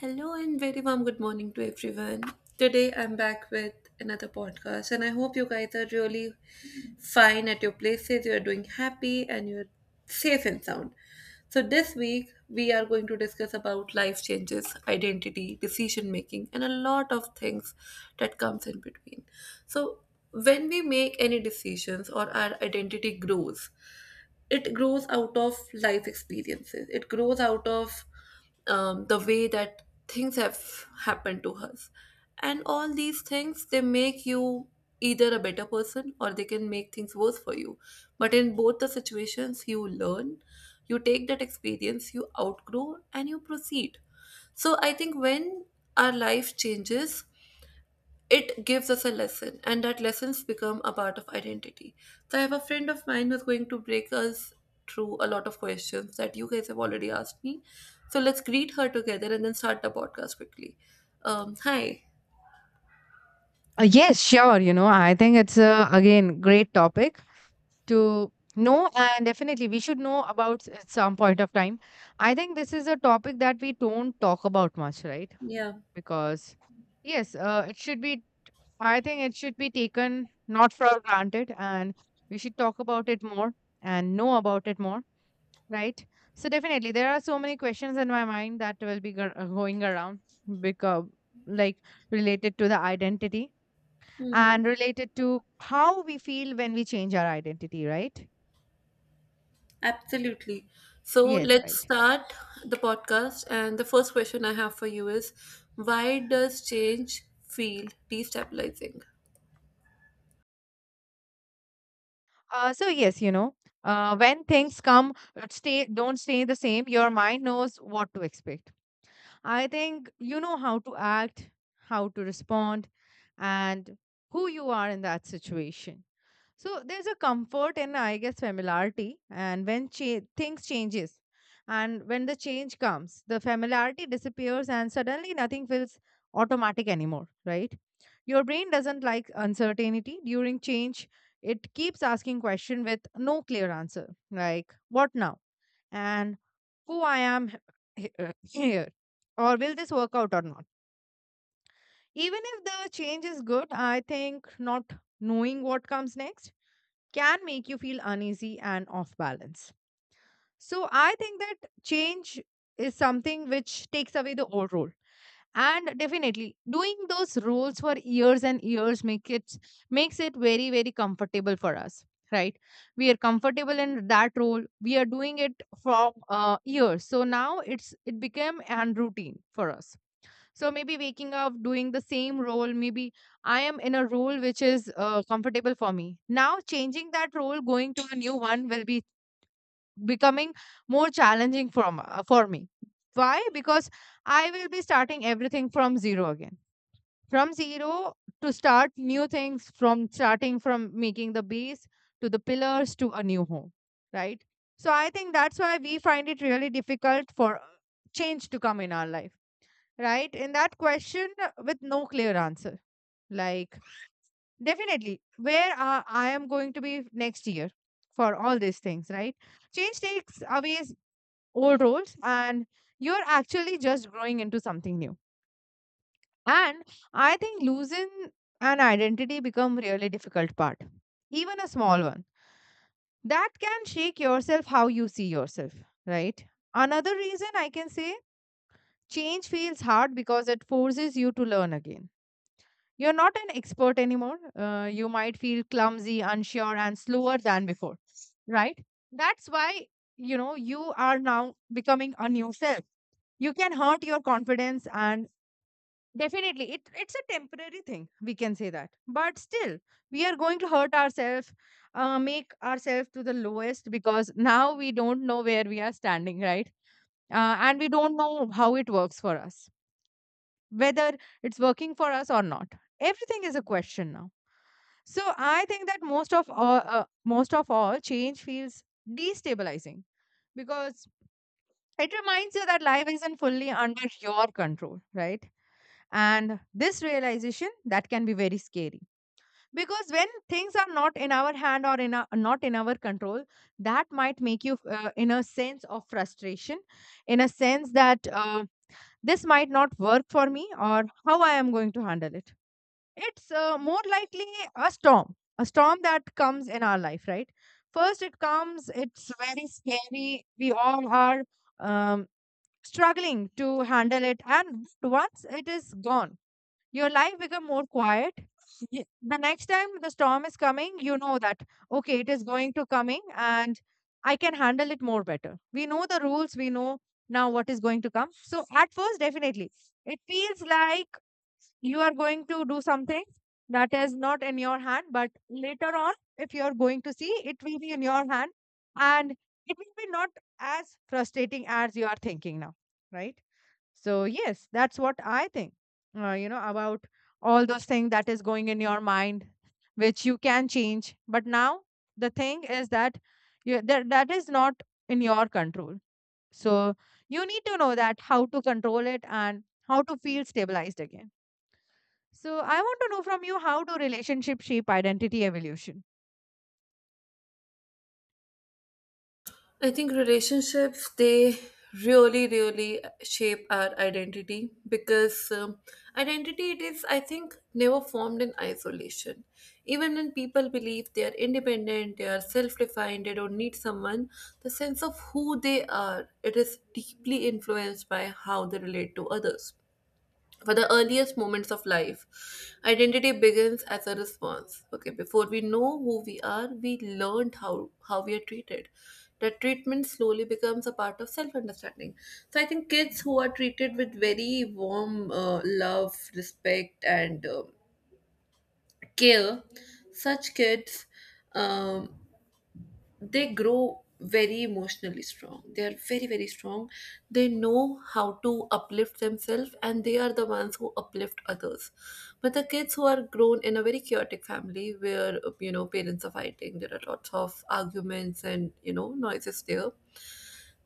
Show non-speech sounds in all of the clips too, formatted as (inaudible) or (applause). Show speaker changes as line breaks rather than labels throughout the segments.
Hello and very warm good morning to everyone. Today I'm back with another podcast, and I hope you guys are really fine at your places, you are doing happy, and you're safe and sound. So, this week we are going to discuss about life changes, identity, decision making, and a lot of things that comes in between. So, when we make any decisions or our identity grows, it grows out of life experiences, it grows out of the way that things have happened to us, and all these things, they make you either a better person or they can make things worse for you, but in both the situations you learn, you take that experience, you outgrow and you proceed. So I think when our life changes, it gives us a lesson and that lessons become a part of identity. So I have a friend of mine who's going to break us through a lot of questions that you guys have already asked me. So let's greet her together and then start the podcast quickly. Hi.
Yes, sure. I think it's again, great topic to know, and definitely we should know about at some point of time. I think this is a topic that we don't talk about much, right?
Yeah.
Because, yes, I think it should be taken not for granted, and we should talk about it more and know about it more, right? So, definitely, there are so many questions in my mind that will be going around because, like, related to the identity
Hmm.
and related to how we feel when we change our identity, right?
Absolutely. So
Yes,
let's
right.
start the podcast, and the first question I have for you is, why does change feel destabilizing?
So yes, when things come, stay don't stay the same. Your mind knows what to expect. I think you know how to act, how to respond, and who you are in that situation. So there's a comfort in, I guess, familiarity. And when things changes, and when the change comes, the familiarity disappears, and suddenly nothing feels automatic anymore, right? Your brain doesn't like uncertainty. During change, it keeps asking question with no clear answer, like what now and who I am here, or will this work out or not? Even if the change is good, I think not knowing what comes next can make you feel uneasy and off balance. So I think that change is something which takes away the old role, and definitely doing those roles for years and years makes it very very comfortable for us, right? We are comfortable in that role. We are doing it for years, so now it became an routine for us. So maybe waking up doing the same role, maybe I am in a role which is comfortable for me. Now changing that role, going to a new one will be becoming more challenging from for me. Why? Because I will be starting everything from zero again. From zero, to start new things, from starting from making the base to the pillars to a new home, right? So I think that's why we find it really difficult for change to come in our life, right? In that question with no clear answer, like definitely where I am going to be next year, for all these things, right? Change takes away old roles, and you're actually just growing into something new. And I think losing an identity become really difficult part, even a small one, that can shake yourself how you see yourself, right? Another reason I can say change feels hard because it forces you to learn again. You're not an expert anymore. You might feel clumsy, unsure, and slower than before, right? That's why, you know, you are now becoming a new self. You can hurt your confidence, and definitely it's a temporary thing, we can say that, but still we are going to hurt ourselves, make ourselves to the lowest, because now we don't know where we are standing, right? And we don't know how it works for us, whether it's working for us or not. Everything is a question now. So I think that most of all, change feels destabilizing because it reminds you that life isn't fully under your control, right? And this realization that can be very scary because when things are not in our hand, or not in our control, that might make you in a sense of frustration, in a sense that this might not work for me, or how I am going to handle it. It's more likely a storm that comes in our life, right? First it comes, it's very scary, we all are um, struggling to handle it, and once it is gone, your life become more quiet. The next time the storm is coming, you know that okay, it is going to coming, and I can handle it more better. We know the rules. We know now what is going to come. So at first, definitely, it feels like you are going to do something that is not in your hand. But later on, if you are going to see, it will be in your hand, and it will be not as frustrating as you are thinking now, right? So yes, that's what I think. You know about all those things that is going in your mind, which you can change. But now the thing is that that that is not in your control. So you need to know that how to control it and how to feel stabilized again. So I want to know from you, how do relationship shape identity evolution?
I think relationships they really really shape our identity, because identity it is, I think, never formed in isolation. Even when people believe they are independent, they are self-defined, they don't need someone, the sense of who they are, it is deeply influenced by how they relate to others. For the earliest moments of life, identity begins as a response. Okay, before we know who we are, we learned how we are treated. That treatment slowly becomes a part of self understanding. So I think kids who are treated with very warm love, respect, and care, such kids, um, they grow very emotionally strong, they are very very strong, they know how to uplift themselves and they are the ones who uplift others. But the kids who are grown in a very chaotic family where you know parents are fighting, there are lots of arguments and you know noises there,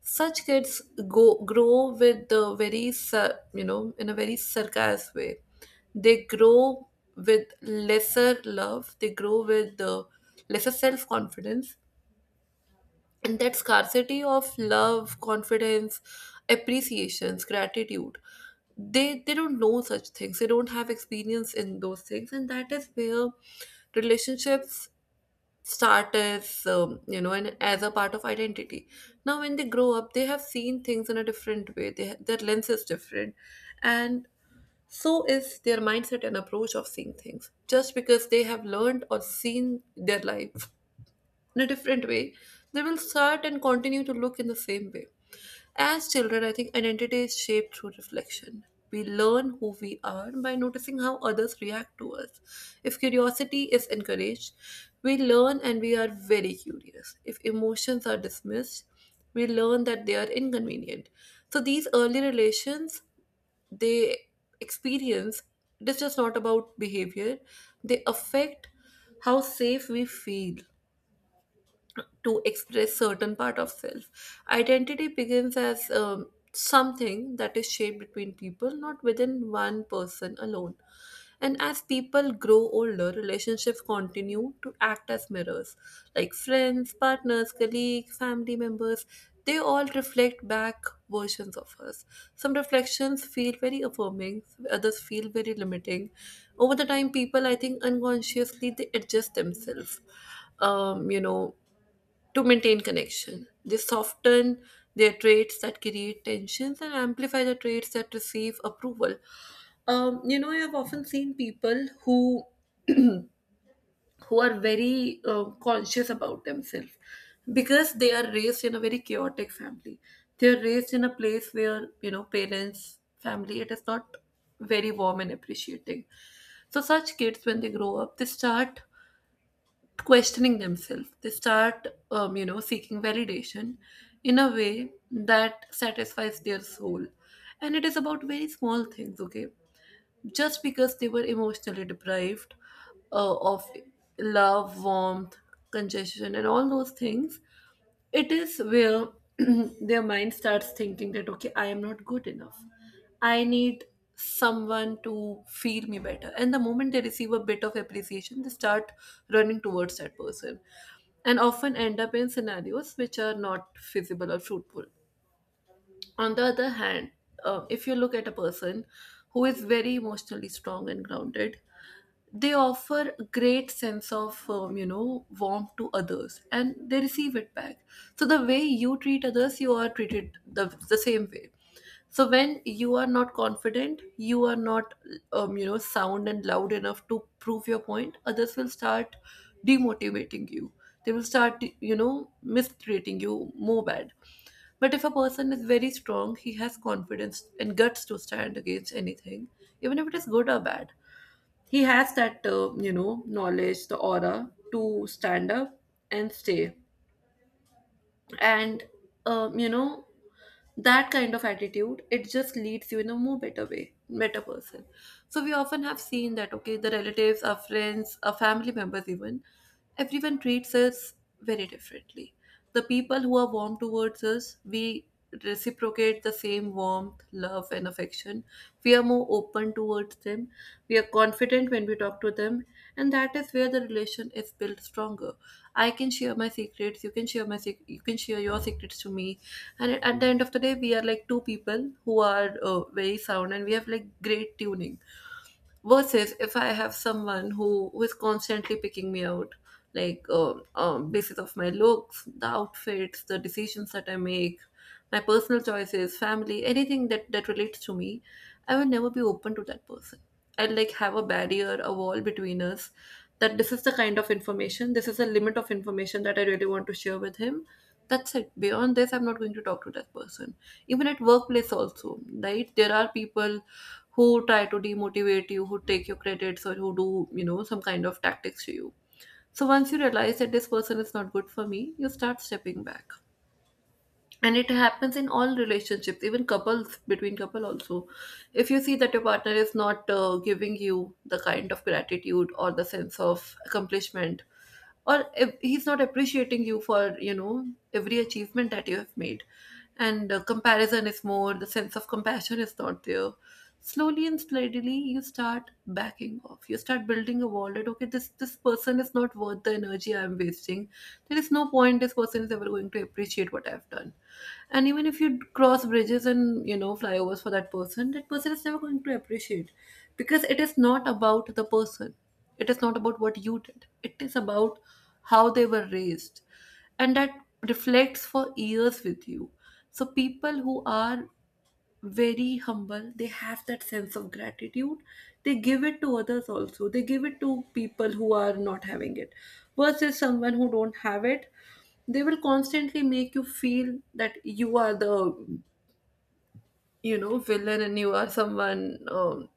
such kids go grow with the very you know, in a very sarcastic way. They grow with lesser love, they grow with the lesser self confidence, and that scarcity of love, confidence, appreciations, gratitude, they don't know such things, they don't have experience in those things, and that is where relationships start as, you know, and as a part of identity. Now when they grow up, they have seen things in a different way, their lens is different, and so is their mindset and approach of seeing things. Just because they have learned or seen their life in a different way, they will start and continue to look in the same way. As children, I think identity is shaped through reflection. We learn who we are by noticing how others react to us. If curiosity is encouraged, we learn and we are very curious. If emotions are dismissed, we learn that they are inconvenient. So these early relations, they experience, it is just not about behavior, they affect how safe we feel to express certain part of self. Identity begins as something that is shaped between people, not within one person alone. And as people grow older, relationships continue to act as mirrors. Like friends, partners, colleagues, family members, they all reflect back versions of us. Some reflections feel very affirming, others feel very limiting. Over the time, people, I think, unconsciously they adjust themselves, you know, to maintain connection. They soften their traits that create tensions and amplify the traits that receive approval. You know, I have often seen people who are very conscious about themselves because they are raised in a very chaotic family. They are raised in a place where you know parents, family, it is not very warm and appreciating. So such kids, when they grow up, they start questioning themselves. They start, you know, seeking validation in a way that satisfies their soul. And it is about very small things, okay? Just because they were emotionally deprived of love, warmth, congestion, and all those things, it is where (clears throat) their mind starts thinking that, okay, I am not good enough, I need someone to feel me better. And the moment they receive a bit of appreciation, they start running towards that person and often end up in scenarios which are not feasible or fruitful. On the other hand, if you look at a person who is very emotionally strong and grounded, they offer a great sense of, you know, warmth to others, and they receive it back. So the way you treat others, you are treated the same way. So when you are not confident, you are not, you know, sound and loud enough to prove your point, others will start demotivating you, they will start you know mistreating you more bad. But if a person is very strong, he has confidence and guts to stand against anything, even if it is good or bad, he has that, you know, knowledge, the aura to stand up and stay. And, you know, that kind of attitude, it just leads you in a more better way, better person. So we often have seen that, okay, the relatives, our friends, our family members, even, everyone treats us very differently. The people who are warm towards us, we reciprocate the same warmth, love, and affection. We are more open towards them. We are confident when we talk to them, and that is where the relation is built stronger. I can share my secrets. You can share your secrets to me, and at the end of the day, we are like two people who are, very sound, and we have like great tuning. Versus if I have someone who is constantly picking me out, like basis of my looks, the outfits, the decisions that I make, my personal choices, family, anything that relates to me, I will never be open to that person. I'll like have a barrier, a wall between us, that this is the kind of information, this is the limit of information that I really want to share with him. That's it. Beyond this I'm not going to talk to that person. Even at workplace also, right, there are people who try to demotivate you, who take your credits, or who do, you know, some kind of tactics to you. So once you realize that this person is not good for me, you start stepping back. And it happens in all relationships, even couples, between couple also. If you see that your partner is not giving you the kind of gratitude or the sense of accomplishment, or if he's not appreciating you for you know every achievement that you have made, and comparison is more, the sense of compassion is not there, slowly and steadily you start backing off, you start building a wall that, okay, this person is not worth the energy I'm wasting, there is no point this person is ever going to appreciate what I've done. And even if you cross bridges and you know flyovers for that person, that person is never going to appreciate, because it is not about the person, it is not about what you did, it is about how they were raised, and that reflects for years with you. So people who are very humble, they have that sense of gratitude, they give it to others also, they give it to people who are not having it. Versus someone who don't have it, they will constantly make you feel that you are the, you know, villain, and you are someone, um,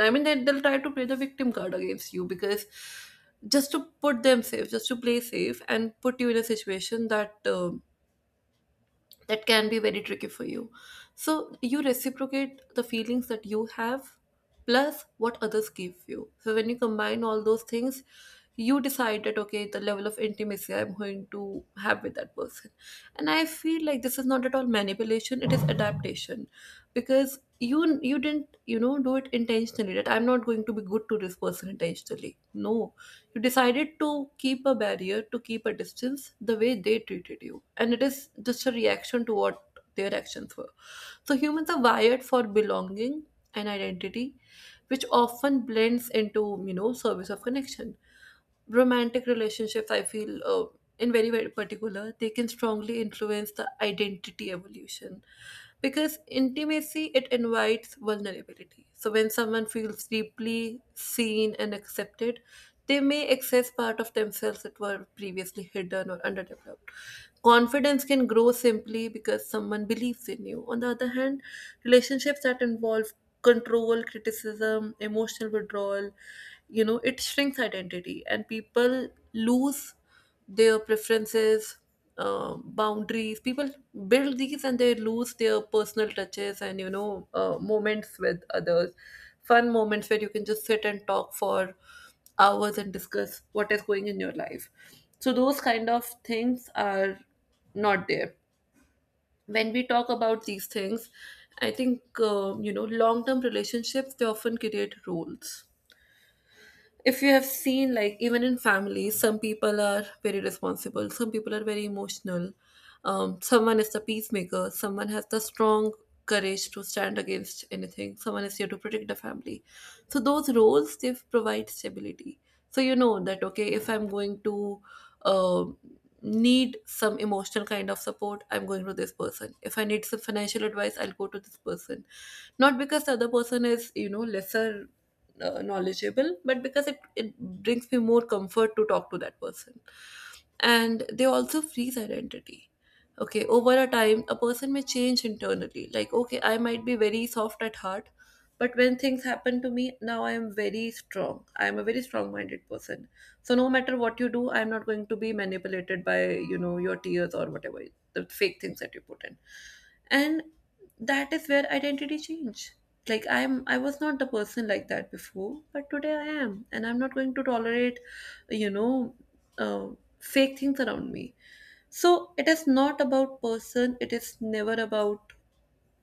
I mean, they'll try to play the victim card against you, because just to put them safe, just to play safe and put you in a situation that, that can be very tricky for you. So you reciprocate the feelings that you have plus what others give you. So when you combine all those things, you decide that, okay, the level of intimacy I'm going to have with that person. And I feel like this is not at all manipulation, it is adaptation. Because you didn't you know do it intentionally, that I'm not going to be good to this person intentionally. No, you decided to keep a barrier, to keep a distance, the way they treated you, and it is just a reaction to what their actions were. So humans are wired for belonging, and identity, which often blends into you know service of connection. Romantic relationships, I feel, in very very particular, they can strongly influence the identity evolution, because intimacy, it invites vulnerability. So when someone feels deeply seen and accepted, they may access part Of themselves that were previously hidden or underdeveloped. Confidence can grow simply because someone believes in you. On the other hand, relationships that involve control, criticism, emotional withdrawal, it shrinks identity and people lose their preferences, boundaries. People build these and they lose their personal touches and moments with others, fun moments where you can just sit and talk for hours and discuss what is going in your life. So those kind of things are not there. When we talk about these things, I think long term relationships, they often create roles. If you have seen, like, even in families, some people are very responsible, some people are very emotional, someone is the peacemaker, someone has the strong courage to stand against anything, someone is here to protect the family. So those roles, they provide stability. So you know that, okay, if I'm going to um need some emotional kind of support, I'm going to this person. If I need some financial advice, I'll go to this person, not because the other person is, you know, lesser knowledgeable, but because it brings me more comfort to talk to that person. And they also freeze identity. Okay, over a time a person may change internally. Like, okay, I might be very soft at heart, but when things happen to me, now I am very strong. I am a very strong minded person. So no matter what you do, I am not going to be manipulated by, you know, your tears or whatever, the fake things that you put in. And that is where identity change. Like, I was not the person like that before, but today I am, and I'm not going to tolerate, you know uh, fake things around me. So it is not about person. It is never about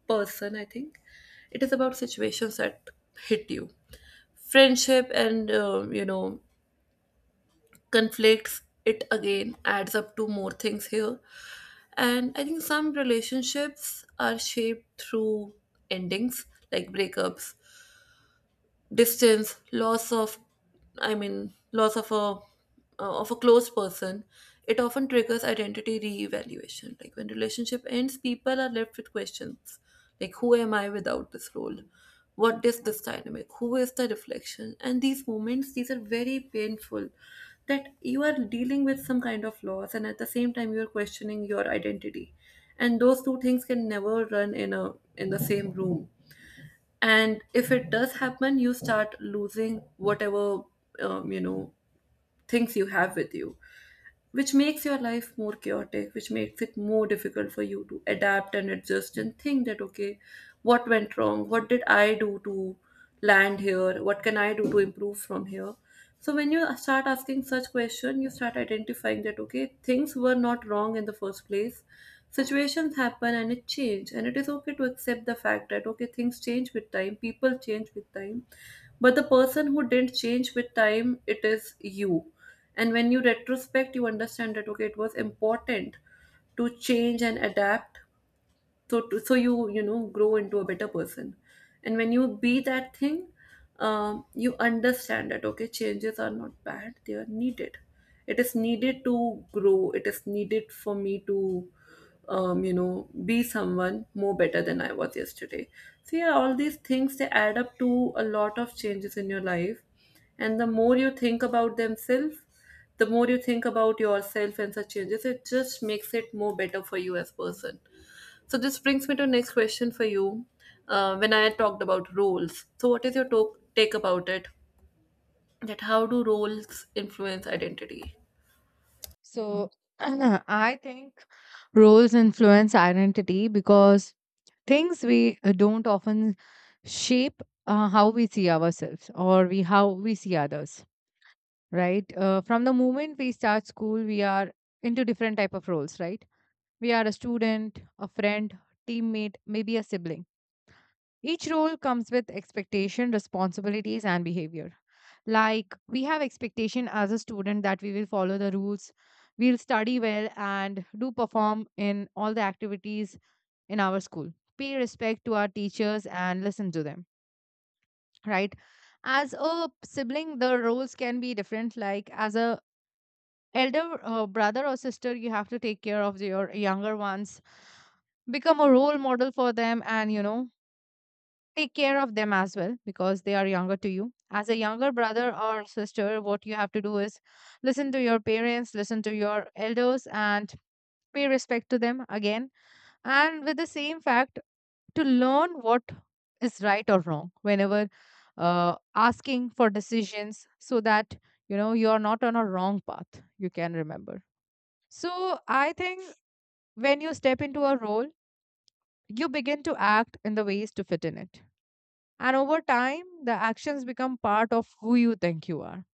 person, I think. It is about situations that hit you. Friendship and you know, conflicts, it again adds up to more things here. And I think some relationships are shaped through endings, like breakups, distance, loss of a close person. It often triggers identity reevaluation. Like, when relationship ends, people are left with questions like, who am I without this role? What is this dynamic? Who is the reflection? And these moments, these are very painful, that you are dealing with some kind of loss and at the same time you are questioning your identity. And those two things can never run in a in the same room. And if it does happen, you start losing whatever um, you know things you have with you, which makes your life more chaotic, which makes it more difficult for you to adapt and adjust and think that, okay, what went wrong? What did I do to land here? What can I do to improve from here? So when you start asking such question, you start identifying that, okay, things were not wrong in the first place. Situations happen and it change, and it is okay to accept the fact that, okay, things change with time, people change with time, but the person who didn't change with time, it is you. And when you retrospect, you understand that, okay, it was important to change and adapt, so you, you know, grow into a better person. And when you be that thing, you understand that, okay, changes are not bad, they are needed. It is needed to grow, it is needed for me to, you know, be someone more better than I was yesterday. So yeah, all these things, they add up to a lot of changes in your life. And the more you think about themselves, the more you think about yourself and such changes, it just makes it more better for you as person. So this brings me to next question for you. When I had talked about roles, so what is your take about it? That how do roles influence identity?
So (clears throat) I think roles influence identity because things we don't often shape how we see ourselves, or we how we see others, right? From the moment we start school, we are into different type of roles, right? We are a student, a friend, teammate, maybe a sibling. Each role comes with expectation, responsibilities, and behavior. Like we have expectation as a student that we will follow the rules, we'll study well, and do perform in all the activities in our school, pay respect to our teachers, and listen to them, right? As a sibling, the roles can be different. Like as a elder brother or sister, you have to take care of your younger ones, become a role model for them, and you know, take care of them as well because they are younger to you. As a younger brother or sister, what you have to do is listen to your parents, listen to your elders, and pay respect to them again. And with the same fact, to learn what is right or wrong whenever asking for decisions, so that you know you are not on a wrong path, you can remember. So I think when you step into a role, you begin to act in the ways to fit in it, and over time, the actions become part of who you think you are.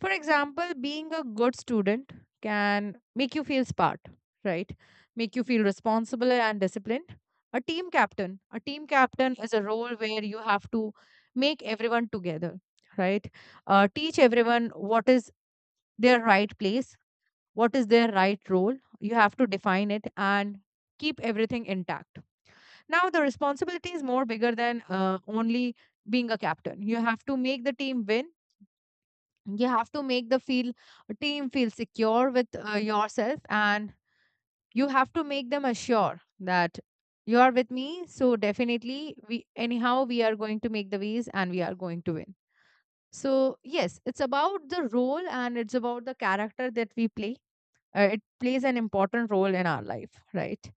For example, being a good student can make you feel smart, right? Make you feel responsible and disciplined. A team captain is a role where you have to make everyone together, right? Teach everyone what is their right place, what is their right role. You have to define it and keep everything intact. Now the responsibility is more bigger than only being a captain. You have to make the team win. You have to make the feel team feel secure with yourself, and you have to make them assure that you are with me. So definitely, we anyhow we are going to make the ways, and we are going to win. So yes, it's about the role and it's about the character that we play. It plays an important role in our life, right?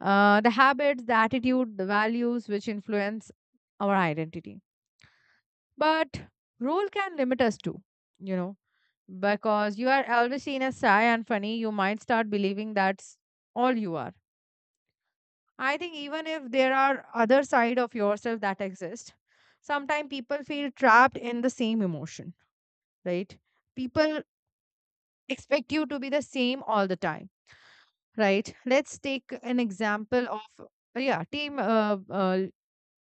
The habits, the attitude, the values which influence our identity. But role can limit us too, you know, because you are always seen as shy and funny, you might start believing that's all you are. I think even if there are other side of yourself that exist, sometimes people feel trapped in the same emotion, right? People expect you to be the same all the time, right? Let's take an example of yeah,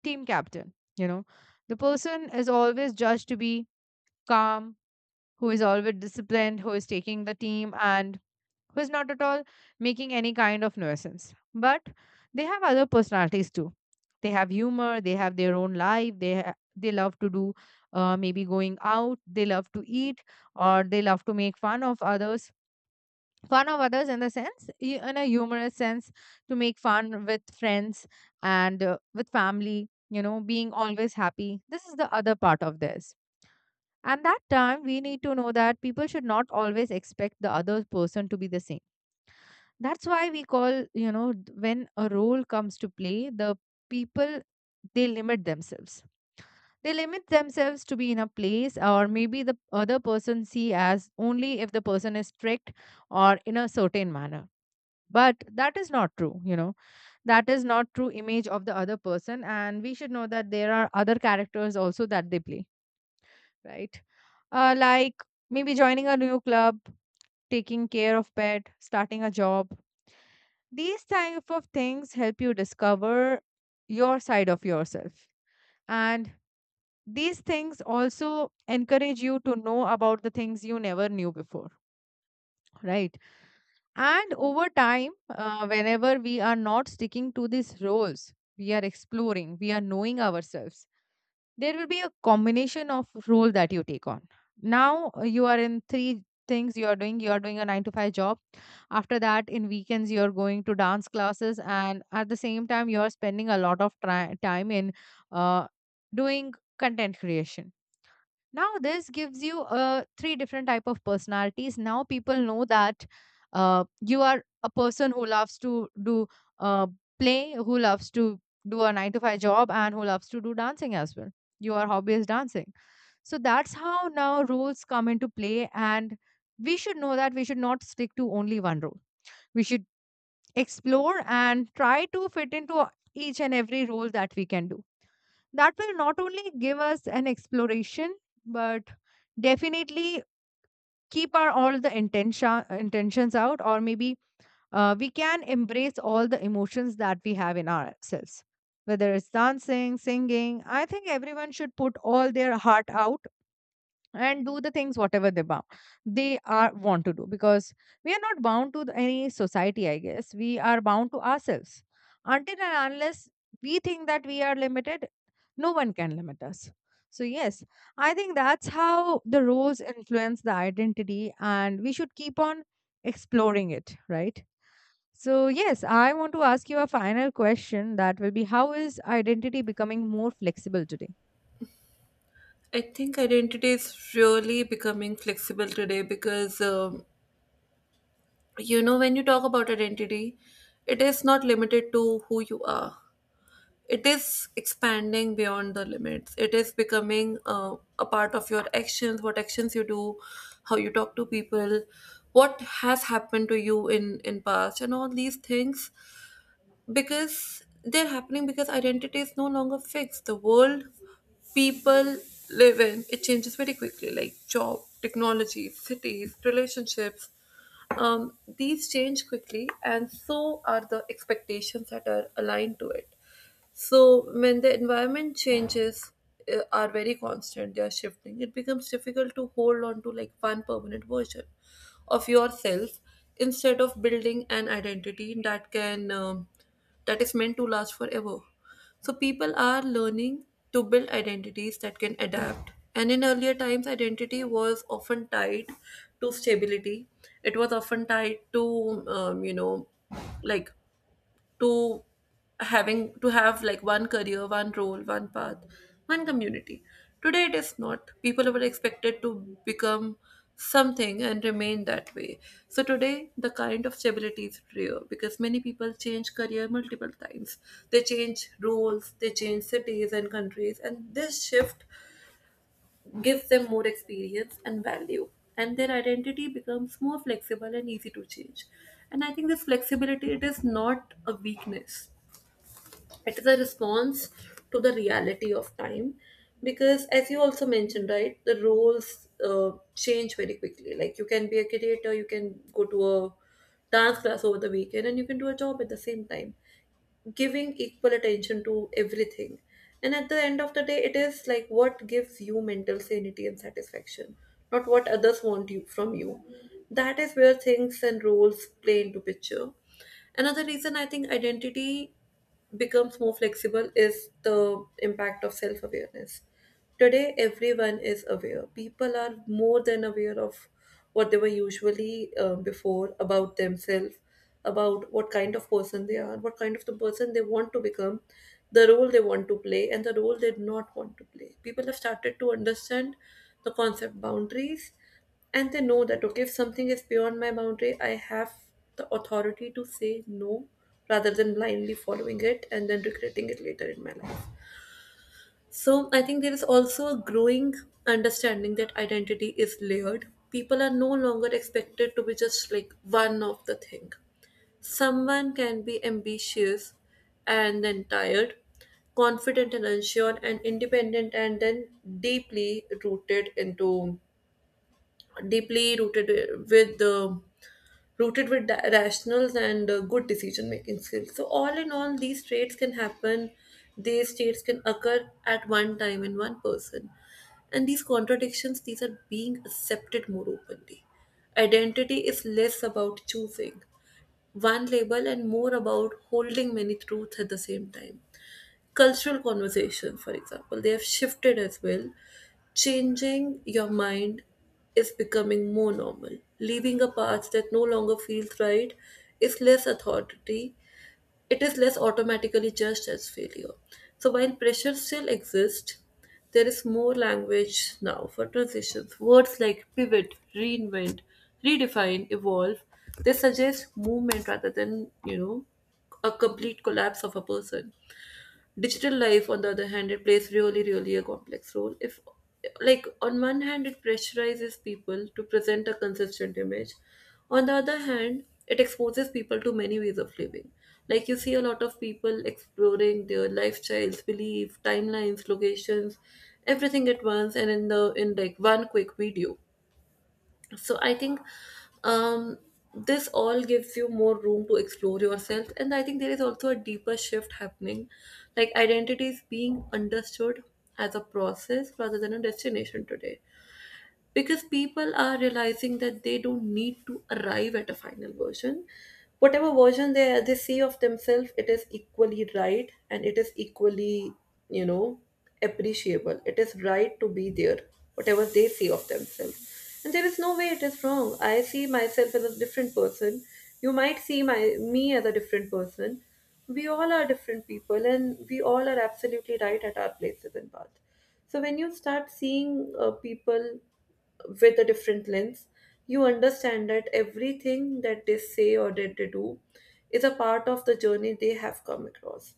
team captain. The person is always judged to be calm, who is always disciplined, who is taking the team, and who is not at all making any kind of nuisance. But they have other personalities too. They have humor, they have their own life, they love to do maybe going out, they love to eat, or they love to make fun of others, in the sense in a humorous sense, to make fun with friends and with family, being always happy. This is the other part of this, and that time we need to know that people should not always expect the other person to be the same. That's why we call, when a role comes to play, the people, they limit themselves they limit themselves to be in a place, or maybe the other person see as only if the person is strict, or in a certain manner. But that is not true, you know, that is not true image of the other person, and we should know that there are other characters also that they play, right? Like maybe joining a new club, taking care of pet, starting a job, these type of things help you discover your side of yourself, and these things also encourage you to know about the things you never knew before, right? And over time, whenever we are not sticking to these roles, we are exploring, we are knowing ourselves. There will be a combination of role that you take on. Now you are in three things you are doing. You are doing a 9 to 5 job. After that, in weekends, you are going to dance classes, and at the same time, you are spending a lot of time in uh, doing content creation. Now this gives you three different type of personalities. Now people know that you are a person who loves to do uh, play, who loves to do a 9 to 5 job, and who loves to do dancing as well. Your hobby is dancing. So that's how now roles come into play, and we should know that we should not stick to only one role. We should explore and try to fit into each and every role that we can do. That will not only give us an exploration, but definitely keep our all the intentions out, or maybe we can embrace all the emotions that we have in ourselves. Whether it's dancing, singing, I think everyone should put all their heart out and do the things whatever they bound they are want to do, because we are not bound to any society, I guess. We are bound to ourselves. Until and unless we think that we are limited, no one can limit us. So yes, I think that's how the roles influence the identity, and we should keep on exploring it, right? So yes, I want to ask you a final question that will be, how is identity becoming more flexible today?
I think identity is really becoming flexible today because, you know, when you talk about identity, it is not limited to who you are. It is expanding beyond the limits. It is becoming a part of your actions, what actions you do, how you talk to people, what has happened to you in past, and all these things, because they're happening, because identity is no longer fixed. The world people live in, it changes very quickly, like job, technology, cities, relationships. These change quickly, and so are the expectations that are aligned to it. So when the environment changes, are very constant, they are shifting, it becomes difficult to hold on to like one permanent version of yourself, instead of building an identity that can, that is meant to last forever. So people are learning to build identities that can adapt. And in earlier times, identity was often tied to stability. It was often tied to, you know, like, to having to have like one career, one role, one path, one community. Today it is not. People were expected to become something and remain that way. So today the kind of stability is rare because many people change career multiple times. They change roles, they change cities and countries, and this shift gives them more experience and value, and their identity becomes more flexible and easy to change. And I think this flexibility, it is not a weakness, it is a response to the reality of time, because, as you also mentioned, right, the roles change very quickly. Like, you can be a creator, you can go to a dance class over the weekend, and you can do a job at the same time, giving equal attention to everything. And at the end of the day, it is like what gives you mental sanity and satisfaction, not what others want you from you. That is where things and roles play into picture. Another reason I think identity becomes more flexible is the impact of self awareness. Today, everyone is aware. People are more than aware of what they were usually, before, about themselves, about what kind of person they are, what kind of the person they want to become, the role they want to play, and the role they do not want to play. People have started to understand the concept boundaries, and they know that, okay, if something is beyond my boundary, I have the authority to say no rather than blindly following it and then regretting it later in my life. So I think there is also a growing understanding that identity is layered. People are no longer expected to be just like one of the thing. Someone can be ambitious and then tired, confident and unsure, and independent and then deeply rooted into deeply with uh, rooted with rationals and good decision making skills. So all in all, these traits can happen, these traits can occur at one time in one person. And these contradictions, these are being accepted more openly. Identity is less about choosing one label and more about holding many truths at the same time. Cultural conversations, for example, they have shifted as well. Changing your mind is becoming more normal. Leaving a path that no longer feels right is less authority. It is less automatically judged as failure. So while pressure still exists, there is more language now for transitions. Words like pivot, reinvent, redefine, evolve, they suggest movement rather than, you know, a complete collapse of a person. Digital life, on the other hand, it plays really, really a complex role. If, like, on one hand, it pressurizes people to present a consistent image. On the other hand, it exposes people to many ways of living. Like, you see a lot of people exploring their lifestyles, belief, timelines, locations, everything at once, and in the in like one quick video. So I think, um, this all gives you more room to explore yourself. And I think there is also a deeper shift happening, like identity is being understood as a process rather than a destination today, because people are realizing that they don't need to arrive at a final version. Whatever version they see of themselves, it is equally right, and it is equally, you know, appreciable. It is right to be there, whatever they see of themselves. And there is no way it is wrong. I see myself as a different person, you might see my me as a different person. We all are different people, and we all are absolutely right at our places and path. So when you start seeing people with a different lens, you understand that everything that they say or that they do is a part of the journey they have come across.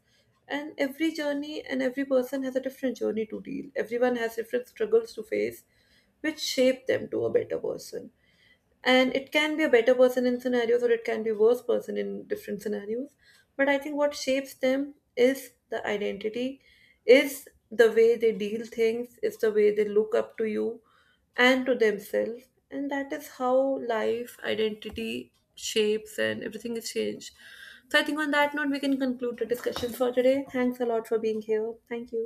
And every journey and every person has a different journey to deal. Everyone has different struggles to face, which shape them to a better person. And it can be a better person in scenarios, or it can be worse person in different scenarios. But I think what shapes them is the identity, is the way they deal things, is the way they look up to you and to themselves. And that is how life identity shapes and everything is changed. So I think on that note, we can conclude the discussion for today. Thanks a lot for being here. Thank you.